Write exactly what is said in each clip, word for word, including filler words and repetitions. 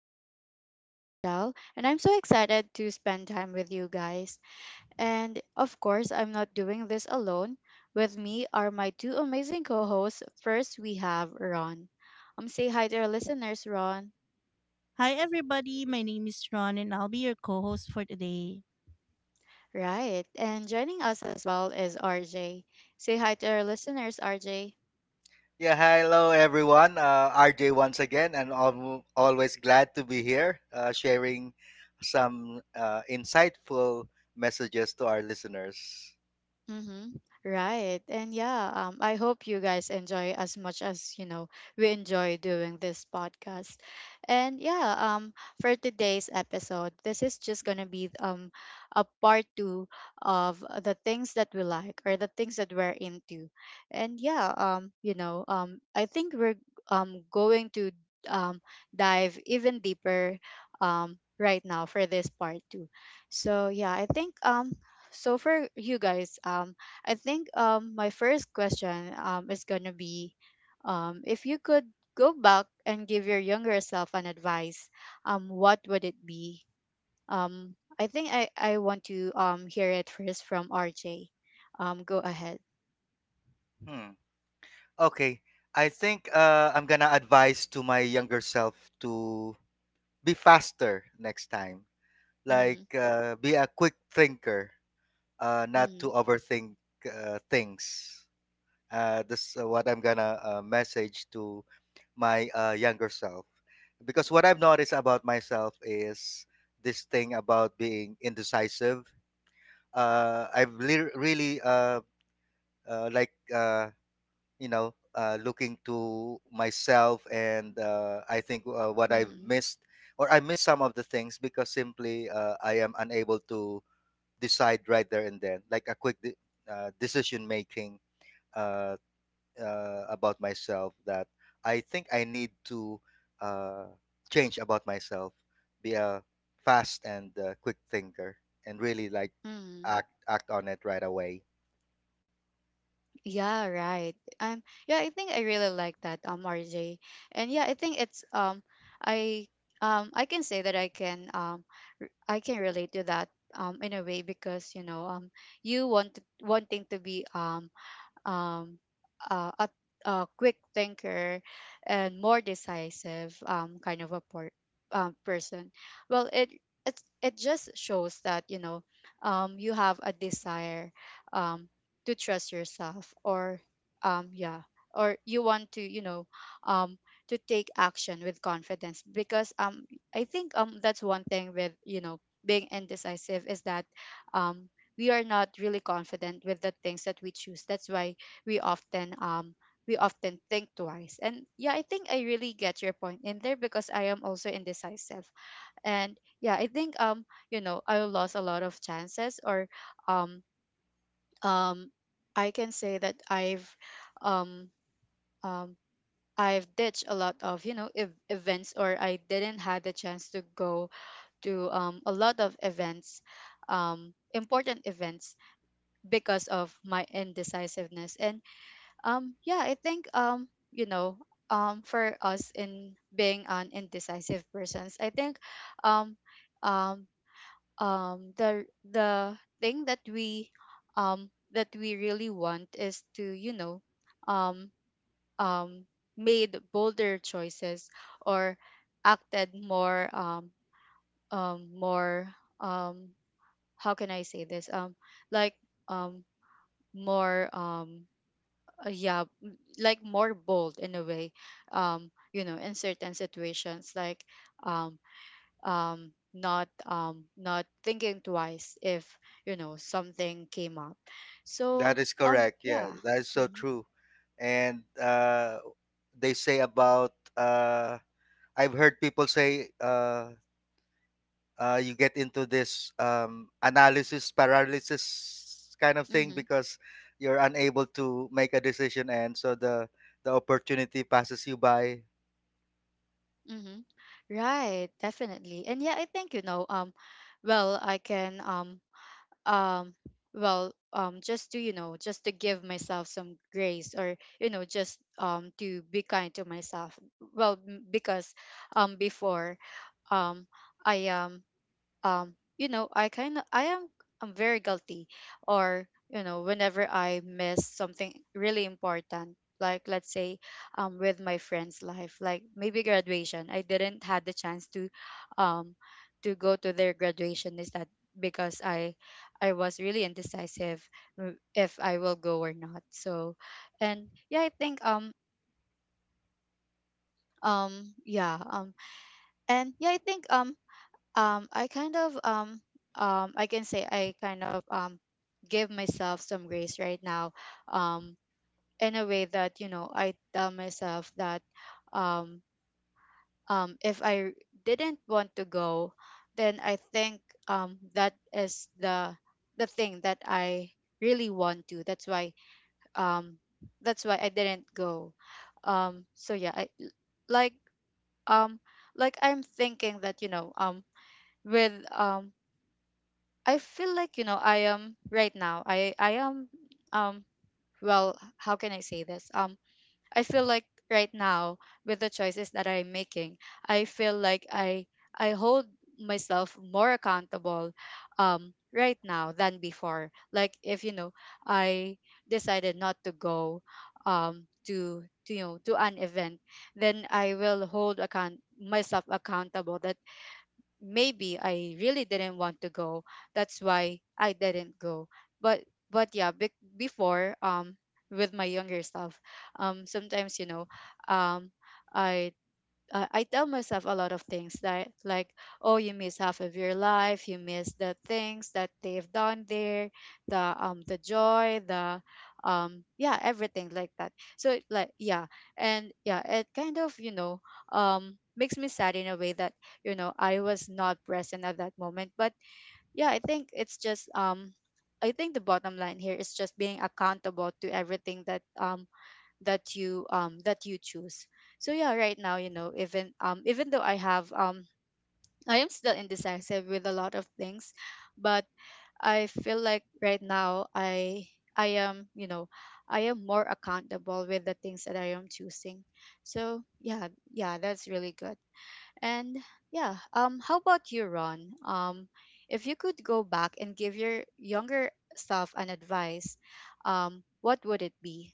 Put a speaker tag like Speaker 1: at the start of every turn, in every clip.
Speaker 1: I'm your host, Rochelle, and I'm so excited to spend time with you guys. And of course, I'm not doing this alone. With me are my two amazing co-hosts. First, we have Ron. Um say hi to our listeners, Ron.
Speaker 2: Hi everybody, my name is Ron and I'll be your co-host for today.
Speaker 1: Right. And joining us as well is R J. Say hi to our listeners, R J.
Speaker 3: Yeah, hello everyone. Uh, R J once again, and al- always glad to be here, uh, sharing some uh, insightful messages to our listeners.
Speaker 1: Mm-hmm. Right. And yeah, um, I hope you guys enjoy as much as, you know, we enjoy doing this podcast. And yeah, um, for today's episode, this is just gonna be um a part two of the things that we like or the things that we're into. And yeah, um, you know, um, I think we're um going to um dive even deeper um right now for this part two. So yeah, I think um so for you guys, um i think um my first question um is gonna be, um if you could go back and give your younger self an advice, um what would it be? Um I think I I want to um hear it first from RJ. Um go ahead.
Speaker 3: Hmm. Okay, I think uh, I'm gonna advise to my younger self to be faster next time.
Speaker 1: Mm-hmm.
Speaker 3: Like, uh, be a quick thinker, uh, not
Speaker 1: Mm-hmm.
Speaker 3: to overthink uh, things. Uh, that's uh, what I'm gonna uh, message to my uh, younger self, because what I've noticed about myself is this thing about being indecisive. Uh, I've le- really uh, uh, like uh, you know uh, looking to myself, and uh, I think uh, what I've
Speaker 1: Mm-hmm.
Speaker 3: missed or I miss some of the things because simply uh, I am unable to decide right there and then, like a quick de- uh, decision making. Uh, uh, about myself that I think I need to uh, change about myself, be a fast and uh, quick thinker, and really like
Speaker 1: Mm-hmm.
Speaker 3: act act on it right away.
Speaker 1: Yeah, right. Um, yeah, I think I really like that, um, R J. And yeah, I think it's um, I um, I can say that I can, um, r- I can relate to that um in a way, because you know um, you want wanting to be um um, uh, a, a quick thinker and more decisive, um, kind of a por- um, person. Well, it it's, it just shows that you know, um, you have a desire, um, to trust yourself, or um, yeah or you want to, you know, um, to take action with confidence, because um, I think um, that's one thing with, you know, being indecisive, is that, um, we are not really confident with the things that we choose. That's why we often, um we often think twice. And yeah, I think I really get your point in there, because I am also indecisive. And yeah, I think um you know, I lost a lot of chances, or um um I can say that i've um um I've ditched a lot of, you know, ev- events, or I didn't had the chance to go to um a lot of events, um important events, because of my indecisiveness. And Um, yeah, I think, um, you know, um, for us in being an indecisive persons, I think, um, um, um, the the thing that we, um that we really want is to, you know, um, um, made bolder choices, or acted more, um, um, more, um, how can I say this, um, like um, more, um uh, yeah, m- like more bold in a way, um you know, in certain situations, like, um um not, um not thinking twice if, you know, something came up.
Speaker 3: That
Speaker 1: so
Speaker 3: is
Speaker 1: um
Speaker 3: correct. Yeah,
Speaker 1: yeah
Speaker 3: that is so
Speaker 1: mhm.
Speaker 3: true. And uh, they say about uh, I've heard people say. Uh, uh, you get into this um, analysis paralysis kind of thing
Speaker 1: Mhm.
Speaker 3: because you're unable to make a decision, and so the the opportunity passes you by.
Speaker 1: Mhm. Right, definitely. And yeah, I think, you know, um well, I can, um um well, um just to, you know, just to give myself some grace, or, you know, just um to be kind to myself. Well m- because um before, um I am, um you know, I kind of, I am, I'm very guilty, or, you know, whenever I miss something really important, like, let's say, um with my friend's life, like maybe graduation, I didn't had the chance to um to go to their graduation. Is that because i i was really indecisive, w- if I will go or not. So, and yeah, I think, um um yeah um and yeah, I think, um um I kind of, um um I can say I kind of um give myself some grace right now, um in a way that, you know, I tell myself that, um um if I didn't want to go, then I think, um that is the the thing that I really want to, that's why, um that's why I didn't go. Um so yeah, I like um like I'm thinking that, you know, um with um I feel like, you know, I am right now. I I am um well, how can I say this? Um I feel like right now, with the choices that I'm making, I feel like I I hold myself more accountable um right now than before. Like if, you know, I decided not to go, um to to, you know, to an event, then I will hold account myself accountable, that maybe I really didn't want to go. That's why I didn't go. But but yeah, be- before, um with my younger self, um sometimes, you know, um I uh, I tell myself a lot of things that, like, oh, you miss half of your life, you miss the things that they've done there, the um the joy, the, um yeah, everything like that. So it, like yeah, and yeah, it kind of, you know, um makes me sad in a way that, you know, I was not present at that moment. But yeah, I think it's just um. I think the bottom line here is just being accountable to everything that, um that you, um that you choose. So yeah, right now, you know, even, um even though I have, um I am still indecisive with a lot of things, but I feel like right now, i I am, you know, I am more accountable with the things that I am choosing. So yeah, yeah, that's really good. And yeah, um how about you, Ron? Um if you could go back and give your younger self an advice, um what would it be?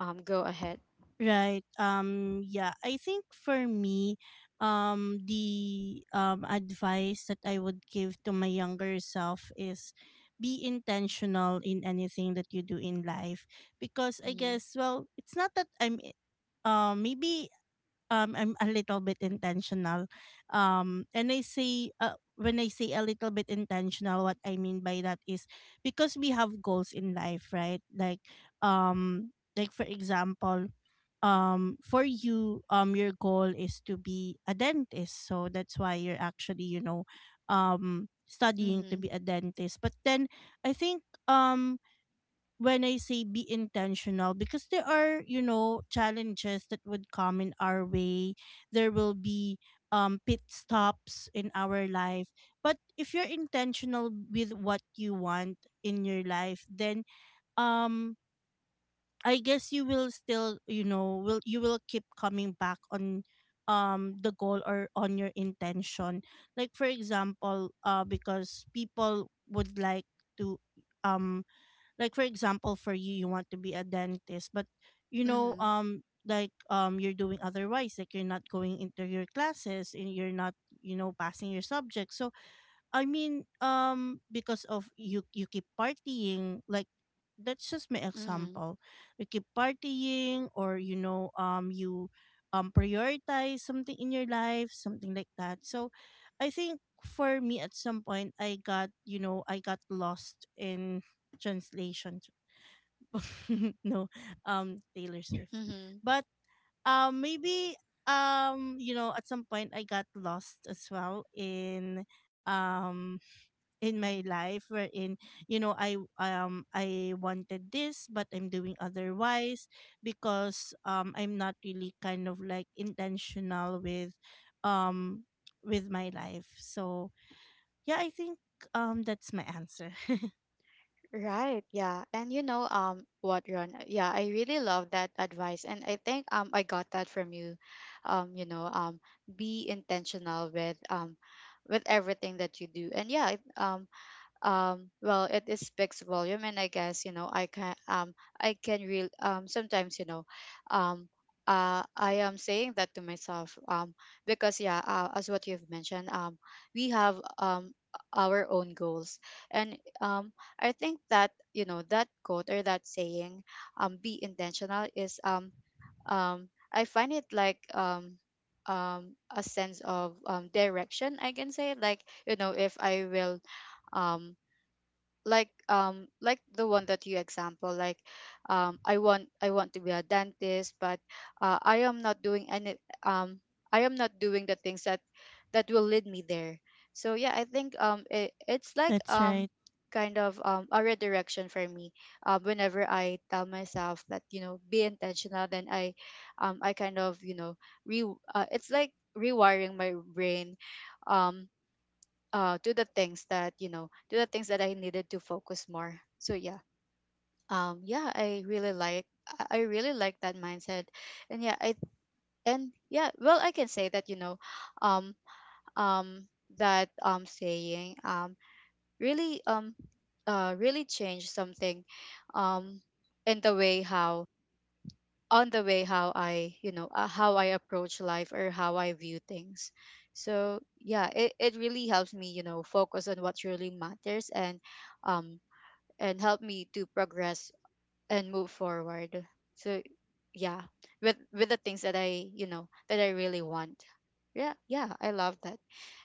Speaker 1: um Go ahead.
Speaker 2: Right. Um yeah, I think for me, um the um advice that I would give to my younger self is be intentional in anything that you do in life, because I
Speaker 1: Mm-hmm.
Speaker 2: guess, well, it's not that I'm eh, um maybe um I'm a little bit intentional. Um and I say, uh, when I say a little bit intentional, what I mean by that is because we have goals in life, right? Like um like for example, um for you, um your goal is to be a dentist. So that's why you're actually, you know, um studying to
Speaker 1: Mhm.
Speaker 2: be a dentist. But then I think, um when I say be intentional, because there are, you know, challenges that would come in our way. There will be um pit stops in our life. But if you're intentional with what you want in your life, then um I guess you will still, you know, will you will keep coming back on um the goal or on your intention. Like for example, uh because people would like to, um like for example, for you, you want to be a dentist, but you know,
Speaker 1: Mhm.
Speaker 2: um like um you're doing otherwise, like you're not going into your classes and you're not, you know, passing your subject. So I mean, um, because of you, you keep partying. Like that's just my
Speaker 1: Mhm.
Speaker 2: example. You keep partying, or you know, um, you um prioritize something in your life, something like that. So, I think for me, at some point, I got you know, I got lost in translation. no, um, Taylor Swift,
Speaker 1: Mhm.
Speaker 2: but um, maybe, um, you know, at some point, I got lost as well in um in my life, wherein you know I um I wanted this but I'm doing otherwise, because um I'm not really kind of like intentional with um with my life. So yeah, I think um that's my answer.
Speaker 1: Right, yeah. And you know, um what, Ron, yeah, I really love that advice, and I think um I got that from you. Um you know, um be intentional with, um with everything that you do. And yeah, it, um um well, it, is speaks volume. And I guess, you know, I can um I can real um sometimes, you know, um uh, I am saying that to myself, um, because yeah, uh, as what you've mentioned, um, we have, um, our own goals, and um, I think that, you know, that quote or that saying, um, "Be intentional," is, um, um, I find it like, um, um, a sense of, um, direction. I can say, like, you know, if I will, um like, um like the one that you example, like, um i want I want to be a dentist, but uh, I am not doing any, um I am not doing the things that that will lead me there. So yeah, I think, um it, it's like,
Speaker 2: That's
Speaker 1: um
Speaker 2: right.
Speaker 1: kind of, um a redirection for me, uh, whenever I tell myself that, you know, be intentional, then I um I kind of, you know, re uh, it's like rewiring my brain, um uh to the things that, you know, to the things that I needed to focus more. So yeah, um yeah, I really like, i I really like that mindset. And yeah, I and yeah, well, I can say that, you know, um um that, um saying, um really um uh really changed something, um in the way how, on the way how I, you know, uh, how I approach life, or how I view things. So yeah, it, it really helps me, you know, focus on what really matters, and um and help me to progress and move forward. So yeah, with with the things that I, you know, that I really want. Yeah, yeah, I love that.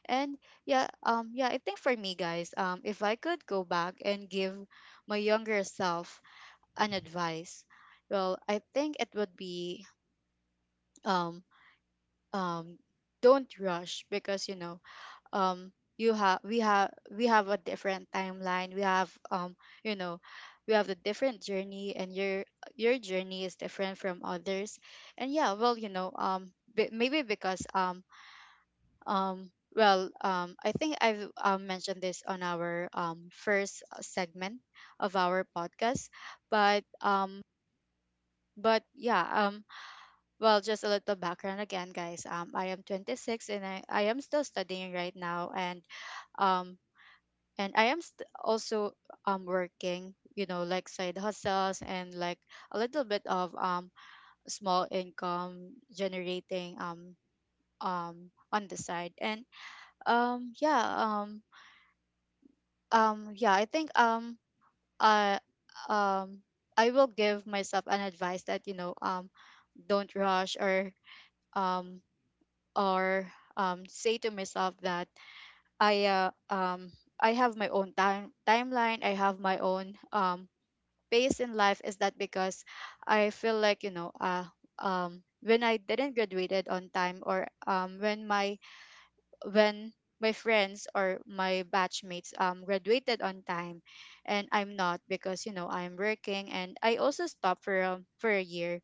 Speaker 1: And yeah, um yeah, I think for me, guys, um if I could go back and give my younger self an advice, well, I think it would be, um um don't rush, because you know, um you have we have we have a different timeline, we have, um you know, we have a different journey, and your your journey is different from others. And yeah, well, you know, um b- maybe because, um um well, um I think I've, um, mentioned this on our, um first segment of our podcast. But um but yeah, um, well, just a little background again, guys. Um, I am twenty-six, and I, I am still studying right now, and, um, and I am st- also um working, you know, like side hustles, and like a little bit of, um small income generating, um um on the side. And um yeah um um yeah, I think, um I um I will give myself an advice that, you know, um don't rush, or um or um, say to myself that I uh, um, I have my own time timeline. I have my own, um, pace in life. Is that because I feel like you know uh, um, when I didn't graduated on time, or um, when my when my friends or my batchmates um, graduated on time and I'm not, because you know I'm working and I also stopped for um, for a year,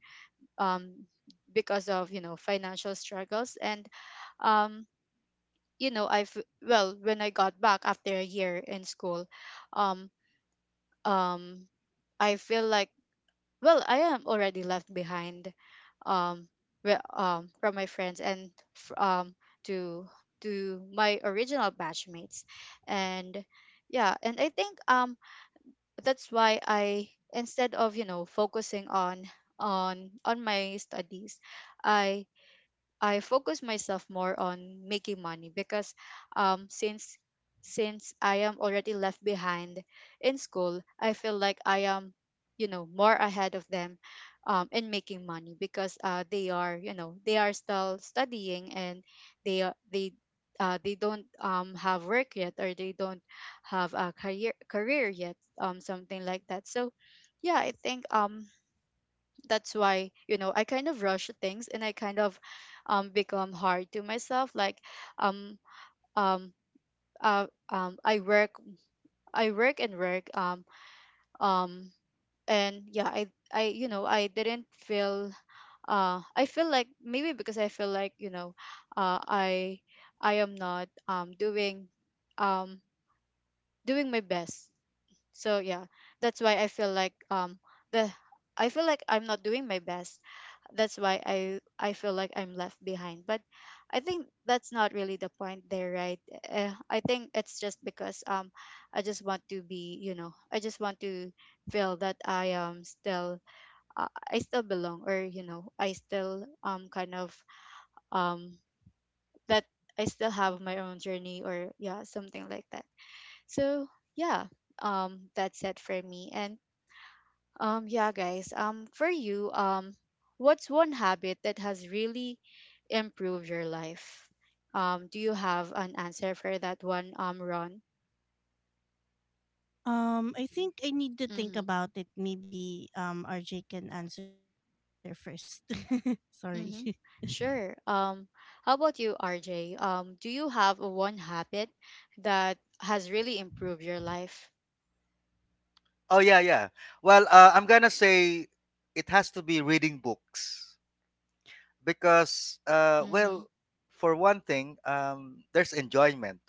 Speaker 1: um, because of you know financial struggles. And um you know I've Well, when I got back after a year in school, um um I feel like, well, I am already left behind, um re- um from my friends and f- um to to my original batchmates. And yeah and I think um that's why, I instead of you know focusing on on on my studies, i I focus myself more on making money, because um since since I am already left behind in school, I feel like I am, you know, more ahead of them um in making money, because uh they are, you know, they are still studying and they are they uh, they don't um, have work yet, or they don't have a career career yet, um something like that. So yeah, I think um that's why, you know, I kind of rush things and I kind of um become hard to myself, like, um um uh, um I work, i work and work um um and yeah, I I you know I didn't feel uh I feel like, maybe because I feel like you know, uh i I am not um doing um doing my best. So yeah, that's why I feel like um the I feel like I'm not doing my best. That's why I I feel like I'm left behind. But I think that's not really the point there, right? Uh, I think it's just because um I just want to be, you know, I just want to feel that I am still uh, I still belong, or you know, I still um kind of um that I still have my own journey, or yeah, something like that. So, yeah. Um that's it for me. And um, yeah, guys. Um, for you, um, what's one habit that has really improved your life? Um, do you have an answer for that one, um, Ron?
Speaker 2: Um I think I need to think
Speaker 1: Mm-hmm.
Speaker 2: about it. Maybe um R J can answer first. Sorry.
Speaker 1: Mm-hmm. Sure. Um, how about you, R J? Um, do you have a one habit that has really improved your life?
Speaker 3: Oh yeah, yeah. Well, uh, I'm gonna say it has to be reading books because, uh,
Speaker 1: Mm-hmm.
Speaker 3: well, for one thing, um, there's enjoyment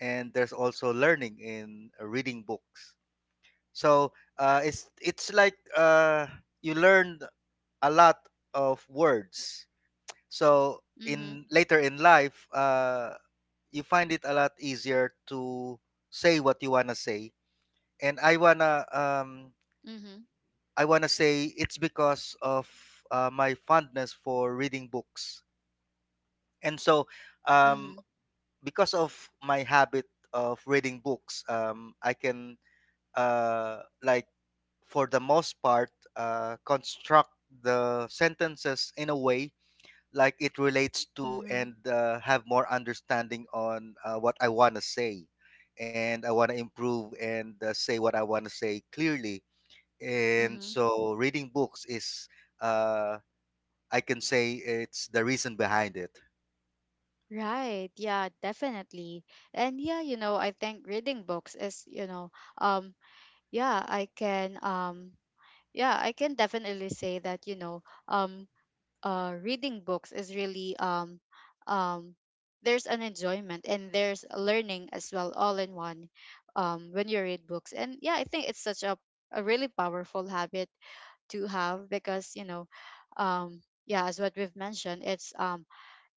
Speaker 3: and there's also learning in reading books. So uh, it's it's like uh, you learn a lot of words. So
Speaker 1: Mm-hmm.
Speaker 3: in later in life, uh, you find it a lot easier to say what you wanna say. And I wanna um,
Speaker 1: Mm-hmm.
Speaker 3: I wanna say it's because of uh, my fondness for reading books. And so
Speaker 1: Mm-hmm.
Speaker 3: um, because of my habit of reading books, um, I can uh, like for the most part uh, construct the sentences in a way like it relates to
Speaker 1: Mm-hmm.
Speaker 3: and uh, have more understanding on uh, what I want to say and I want to improve and uh, say what I want to say clearly, and
Speaker 1: Mm-hmm.
Speaker 3: so reading books is, uh, I can say, it's the reason behind it.
Speaker 1: Right. Yeah, definitely. And yeah, you know, I think reading books is, you know, um yeah i can um yeah, I can definitely say that, you know, um uh reading books is really um um there's an enjoyment and there's learning as well, all in one, um when you read books. And yeah, I think it's such a a really powerful habit to have, because you know, um yeah, as what we've mentioned, it's um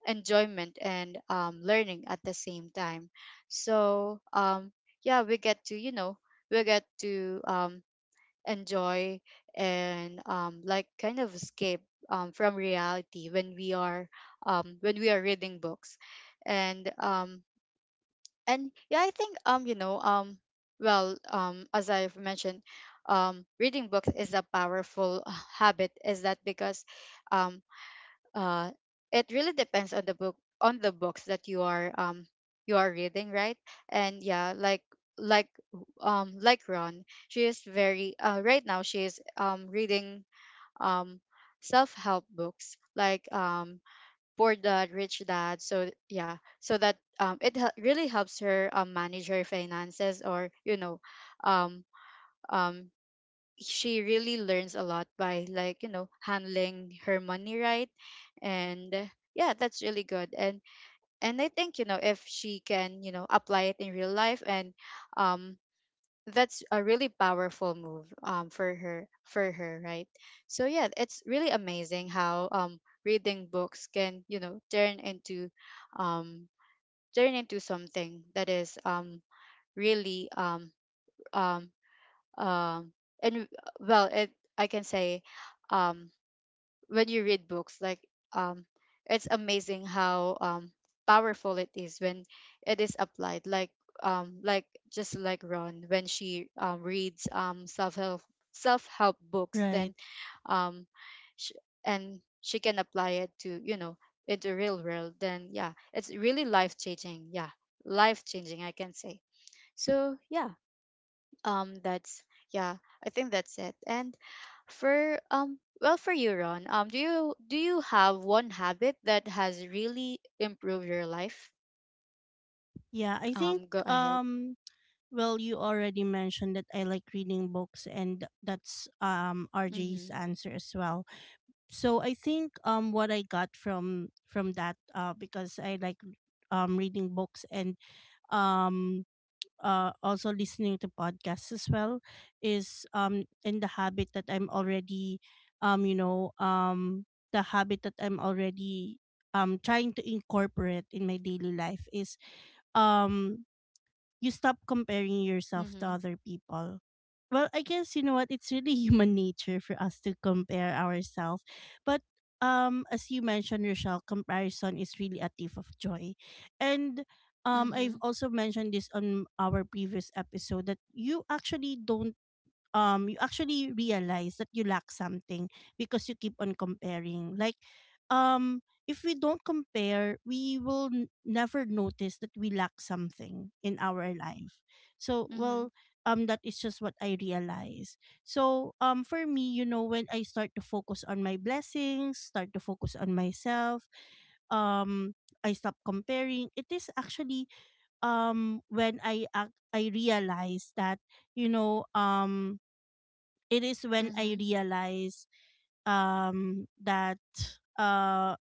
Speaker 1: enjoyment and um learning at the same time. So um yeah, we get to, you know, we get to um enjoy and um, like kind of escape um, from reality when we are um, when we are reading books. And um, and yeah, I think um you know um well, um as I've mentioned, um reading books is a powerful uh, habit. Is that because um uh, it really depends on the book, on the books that you are um you are reading, right? And yeah, like like um like Ron, she is very uh right now she is um reading um self-help books, like um Poor Dad Rich Dad. So yeah, so that um it hel- really helps her um, manage her finances, or you know, um um she really learns a lot by, like, you know, handling her money right. And uh, yeah, that's really good. And and I think, you know, if she can, you know, apply it in real life, and um that's a really powerful move um for her for her, right? So yeah, it's really amazing how um reading books can, you know, turn into um turn into something that is um really um um um and, well, it I can say, um when you read books, like, um it's amazing how um powerful it is when it is applied, like, um like just like Ron when she um, reads um self-help self-help books,
Speaker 2: Right.
Speaker 1: then um sh- and she can apply it to, you know, into real world, then yeah, it's really life changing. Yeah, life changing, I can say. So yeah, um that's yeah, I think that's it. And for um well, for you, Ron, um do you do you have one habit that has really improved your life?
Speaker 2: Yeah, I think,
Speaker 1: Um go ahead.
Speaker 2: um well, you already mentioned that I like reading books, and that's um R J's
Speaker 1: Mhm.
Speaker 2: answer as well. So I think um what I got from from that, uh because I like um reading books, and um uh also listening to podcasts as well, is um in the habit that I'm already, um you know um the habit that I'm already um trying to incorporate in my daily life, is um you stop comparing yourself to
Speaker 1: Mhm.
Speaker 2: other people. Well, I guess you know what, it's really human nature for us to compare ourselves, but um, as you mentioned, Rochelle, comparison is really a thief of joy. And um, I've
Speaker 1: Mhm.
Speaker 2: also mentioned this on our previous episode, that you actually don't um you actually realize that you lack something, because you keep on comparing. Like um if we don't compare, we will n- never notice that we lack something in our life. So
Speaker 1: Mhm.
Speaker 2: well, um that is just what I realize. So um for me, you know, when I start to focus on my blessings, start to focus on myself, um I stop comparing. It is actually, um when i ac- i realize that, you know, um it is when I
Speaker 1: Mhm.
Speaker 2: realize, um that, uh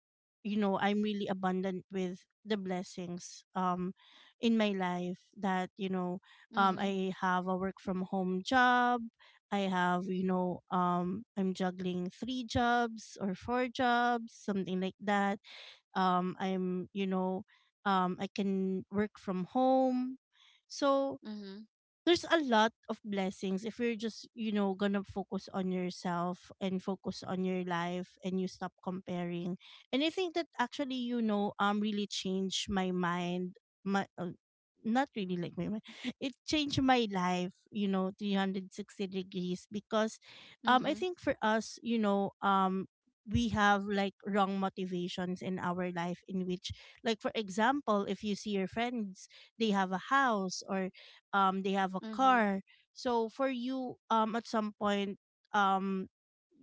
Speaker 2: you know, I'm really abundant with the blessings um in my life, that, you know, um
Speaker 1: Mhm.
Speaker 2: I have a work from home job. I have, you know, um I'm juggling three jobs or four jobs, something like that. um I'm, you know, um I can work from home. So
Speaker 1: Mhm.
Speaker 2: there's a lot of blessings if you're just, you know, gonna focus on yourself and focus on your life, and you stop comparing. And I think that actually, you know, um really changed my mind, my, uh, not really like my mind, it changed my life, you know, three hundred sixty degrees, because um I
Speaker 1: Mhm.
Speaker 2: think for us, you know, um we have like wrong motivations in our life, in which, like for example, if you see your friends, they have a house or um they have a
Speaker 1: Mhm.
Speaker 2: car. So for you, um at some point, um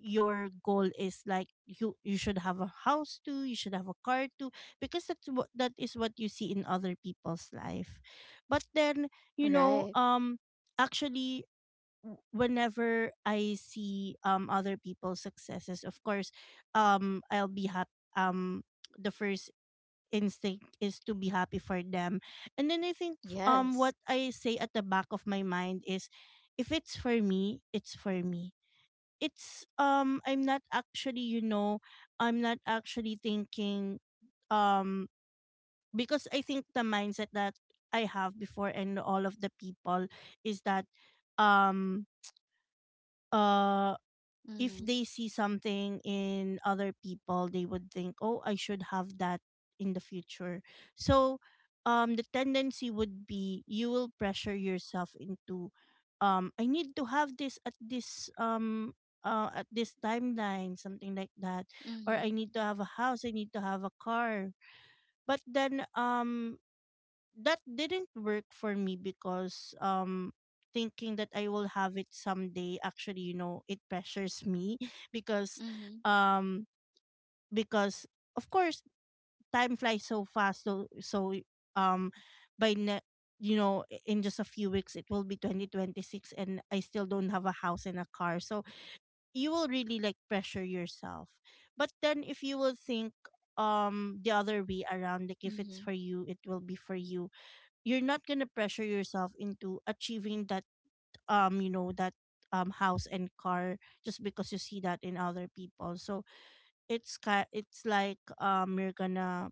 Speaker 2: your goal is like you you should have a house too, you should have a car too, because that's what, that is what you see in other people's life. But then, you know,
Speaker 1: Right.
Speaker 2: um actually, w- whenever I see um other people's successes, of course um I'll be happy. um the first instinct is to be happy for them. And then I think, f- um what
Speaker 1: Yes.
Speaker 2: I say at the back of my mind is, if it's for me, it's for me. It's, um I'm not actually, you know, I'm not actually thinking, um because I think the mindset that I have before and all of the people is that, um uh if
Speaker 1: Mhm.
Speaker 2: they see something in other people, they would think, "Oh, I should have that in the future." So, um, the tendency would be you will pressure yourself into, um, I need to have this at this, um. Uh, at this timeline, something like that, or I
Speaker 1: Mhm.
Speaker 2: need to have a house, I need to have a car. But then, um, that didn't work for me, because um thinking that I will have it someday actually, you know, it pressures me, because
Speaker 1: Mhm.
Speaker 2: um because of course time flies so fast, so so um by ne- you know I- in just a few weeks it will be twenty twenty-six, and I still don't have a house and a car. So you will really like pressure yourself. But then if you will think, um the other way around, like if it's
Speaker 1: Mhm.
Speaker 2: for you it will be for you, you're not gonna pressure yourself into achieving that, um you know, that, um house and car, just because you see that in other people. So it's ki- it's like, um you're gonna,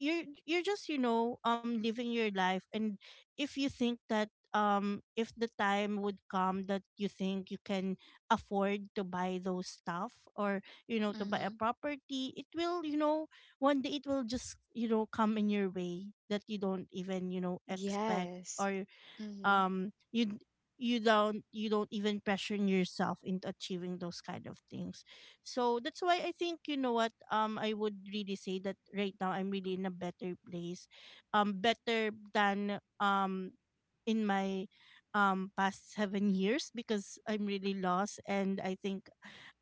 Speaker 2: you're you're just, you know, um living your life. And if you think that, um if the time would come that you think you can afford to buy those stuff, or you know, to buy a
Speaker 1: Mhm.
Speaker 2: property, it will, you know, one day it will just, you know, come in your way, that you don't even, you know, expect.
Speaker 1: Yes.
Speaker 2: Or
Speaker 1: Mhm.
Speaker 2: um you you don't you don't even pressure yourself into achieving those kind of things. So that's why I think, you know what, um I would really say that right now I'm really in a better place, um better than, um in my um past seven years, because I'm really lost. And I think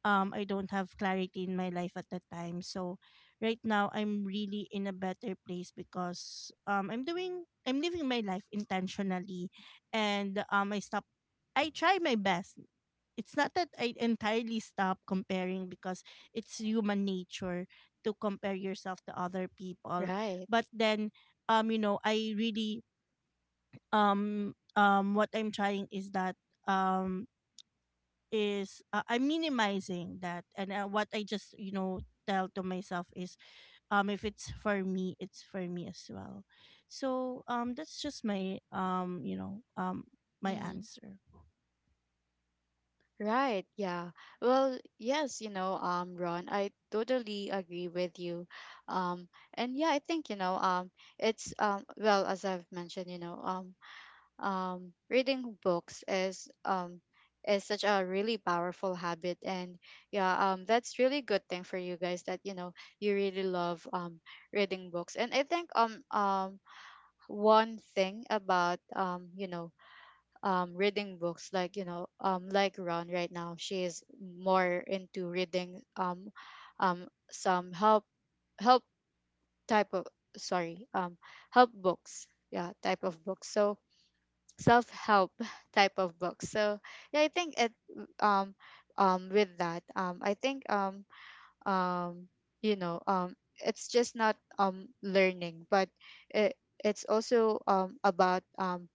Speaker 2: um I don't have clarity in my life at that time. So right now I'm really in a better place, because um i'm doing I'm living my life intentionally. And, um I stop I try my best. It's not that I entirely stop comparing, because it's human nature to compare yourself to other people.
Speaker 1: Right.
Speaker 2: But then um you know, I really, um um what I'm trying is that, um is uh, I'm minimizing that, and uh, what I just, you know, tell to myself is, um if it's for me it's for me as well. So um that's just my, um you know, um my
Speaker 1: Mhm.
Speaker 2: answer.
Speaker 1: Right, yeah. Well, yes, you know, um, Ron, I totally agree with you. Um, and yeah, I think, you know, um, it's um, well, as I've mentioned, you know, um, um, reading books is um is such a really powerful habit. And yeah, um, that's really good thing for you guys, that you know you really love um reading books. And I think um um one thing about um you know um reading books, like, you know, um like Ron right now, she is more into reading um um some help, help type of, sorry, um help books, yeah, type of books. So self help type of books. So yeah, I think it um um with that, um I think um um you know, um it's just not um learning, but it it's also um about um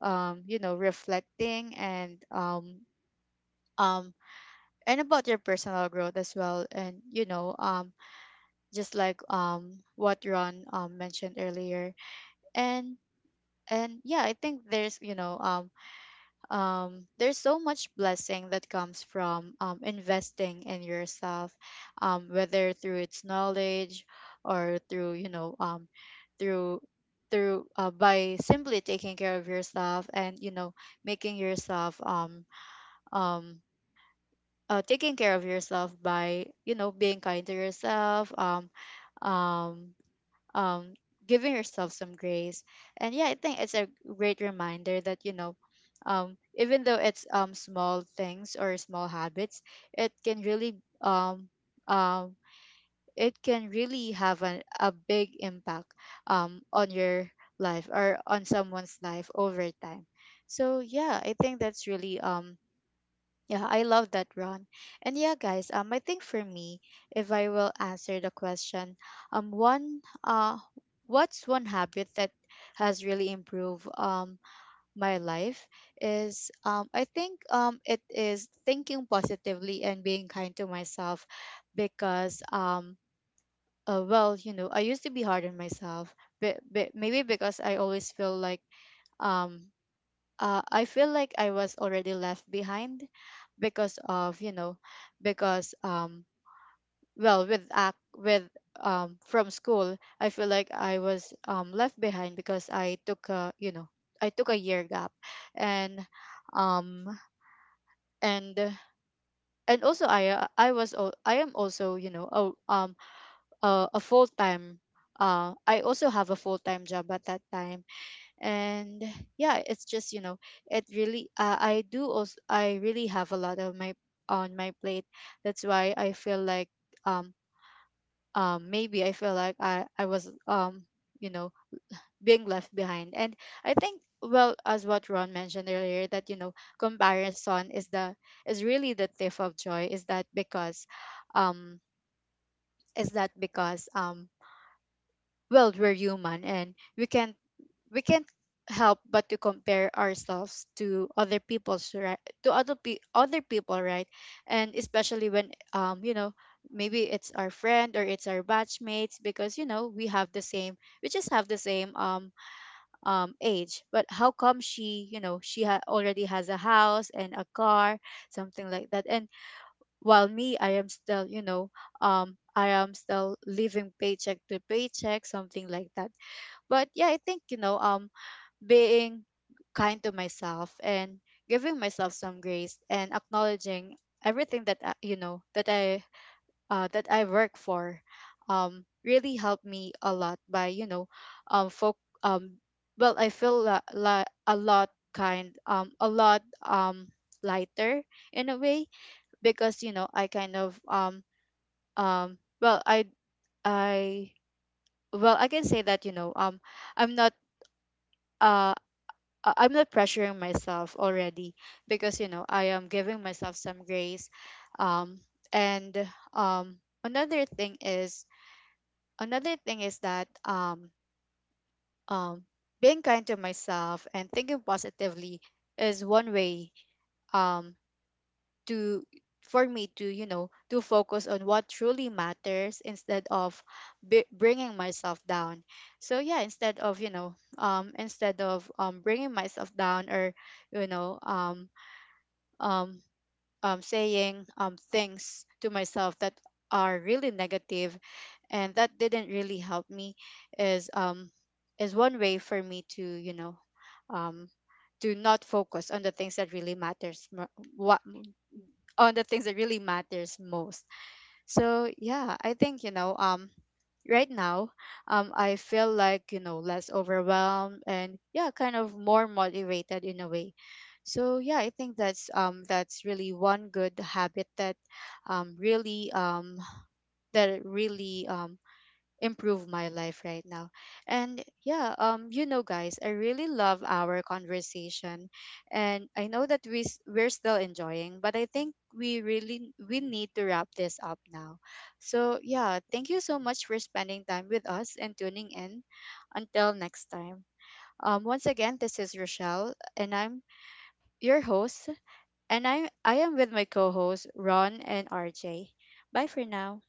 Speaker 1: um, you know, reflecting and um, um, and about your personal growth as well. And you know, um, just like um, what Ron um, mentioned earlier. And and yeah, I think there's you know um, um, there's so much blessing that comes from um, investing in yourself, um, whether through its knowledge or through you know um, through through uh, by simply taking care of yourself and you know making yourself um um uh, taking care of yourself by, you know, being kind to yourself, um um um giving yourself some grace. And yeah, I think it's a great reminder that, you know, um even though it's um small things or small habits, it can really um um it can really have an, a big impact um on your life, or on someone's life over time. So yeah, I think that's really um yeah, I love that, Ron. And yeah, guys, um, I think for me, if I will answer the question, um, one, uh, what's one habit that has really improved um my life, is um I think um it is thinking positively and being kind to myself. Because um uh, well, you know, I used to be hard on myself. but, but maybe because I always feel like um uh, I feel like I was already left behind, because of, you know, because um well, with act with um from school I feel like I was um left behind, because I took a, you know, I took a year gap. And um and and also I uh, I was al- I am also, you know, a um a, a full time, uh I also have a full time job at that time. And yeah, it's just, you know, it really uh, I do also I really have a lot of my, on my plate. That's why I feel like um um maybe I feel like i i was um you know being left behind. And I think, well, as what Ron mentioned earlier, that you know comparison is the, is really the thief of joy. Is that because um is that because um well, we're human and we can we can't help but to compare ourselves to other people's right to other pe- other people, right? And especially when, um you know, maybe it's our friend or it's our batchmates, because you know we have the same, we just have the same um um age. But how come she, you know, she ha- already has a house and a car, something like that. And while me, I am still, you know, um I am still living paycheck to paycheck, something like that. But yeah, I think, you know, um being kind to myself, and giving myself some grace, and acknowledging everything that I, you know, that I uh, that I work for, um really helped me a lot, by you know um folk um well, I feel la- la- a lot kind um a lot um lighter in a way. Because, you know, I kind of um um well I I well, I can say that, you know, um I'm not uh I- I'm not pressuring myself already, because you know I am giving myself some grace. Um, and um, another thing is another thing is that, um, um, being kind to myself and thinking positively is one way, um, to, for me, to you know to focus on what truly matters, instead of b- bringing myself down. So yeah, instead of, you know, um instead of um bringing myself down, or you know, um um, um, saying um, things to myself that are really negative and that didn't really help me, is um, is one way for me to, you know, um, to not focus on the things that really matters mo- what on the things that really matters most. So yeah, I think, you know, um right now um I feel like, you know, less overwhelmed and, yeah, kind of more motivated in a way. So yeah, I think that's um that's really one good habit that um really um that really um improve my life right now. And yeah, um you know, guys, I really love our conversation, and I know that we s- we're still enjoying, but I think we really, we need to wrap this up now. So yeah, thank you so much for spending time with us and tuning in. Until next time. Um once again, this is Rochelle and I'm your host, and I I am with my co-hosts Ron and R J. Bye for now.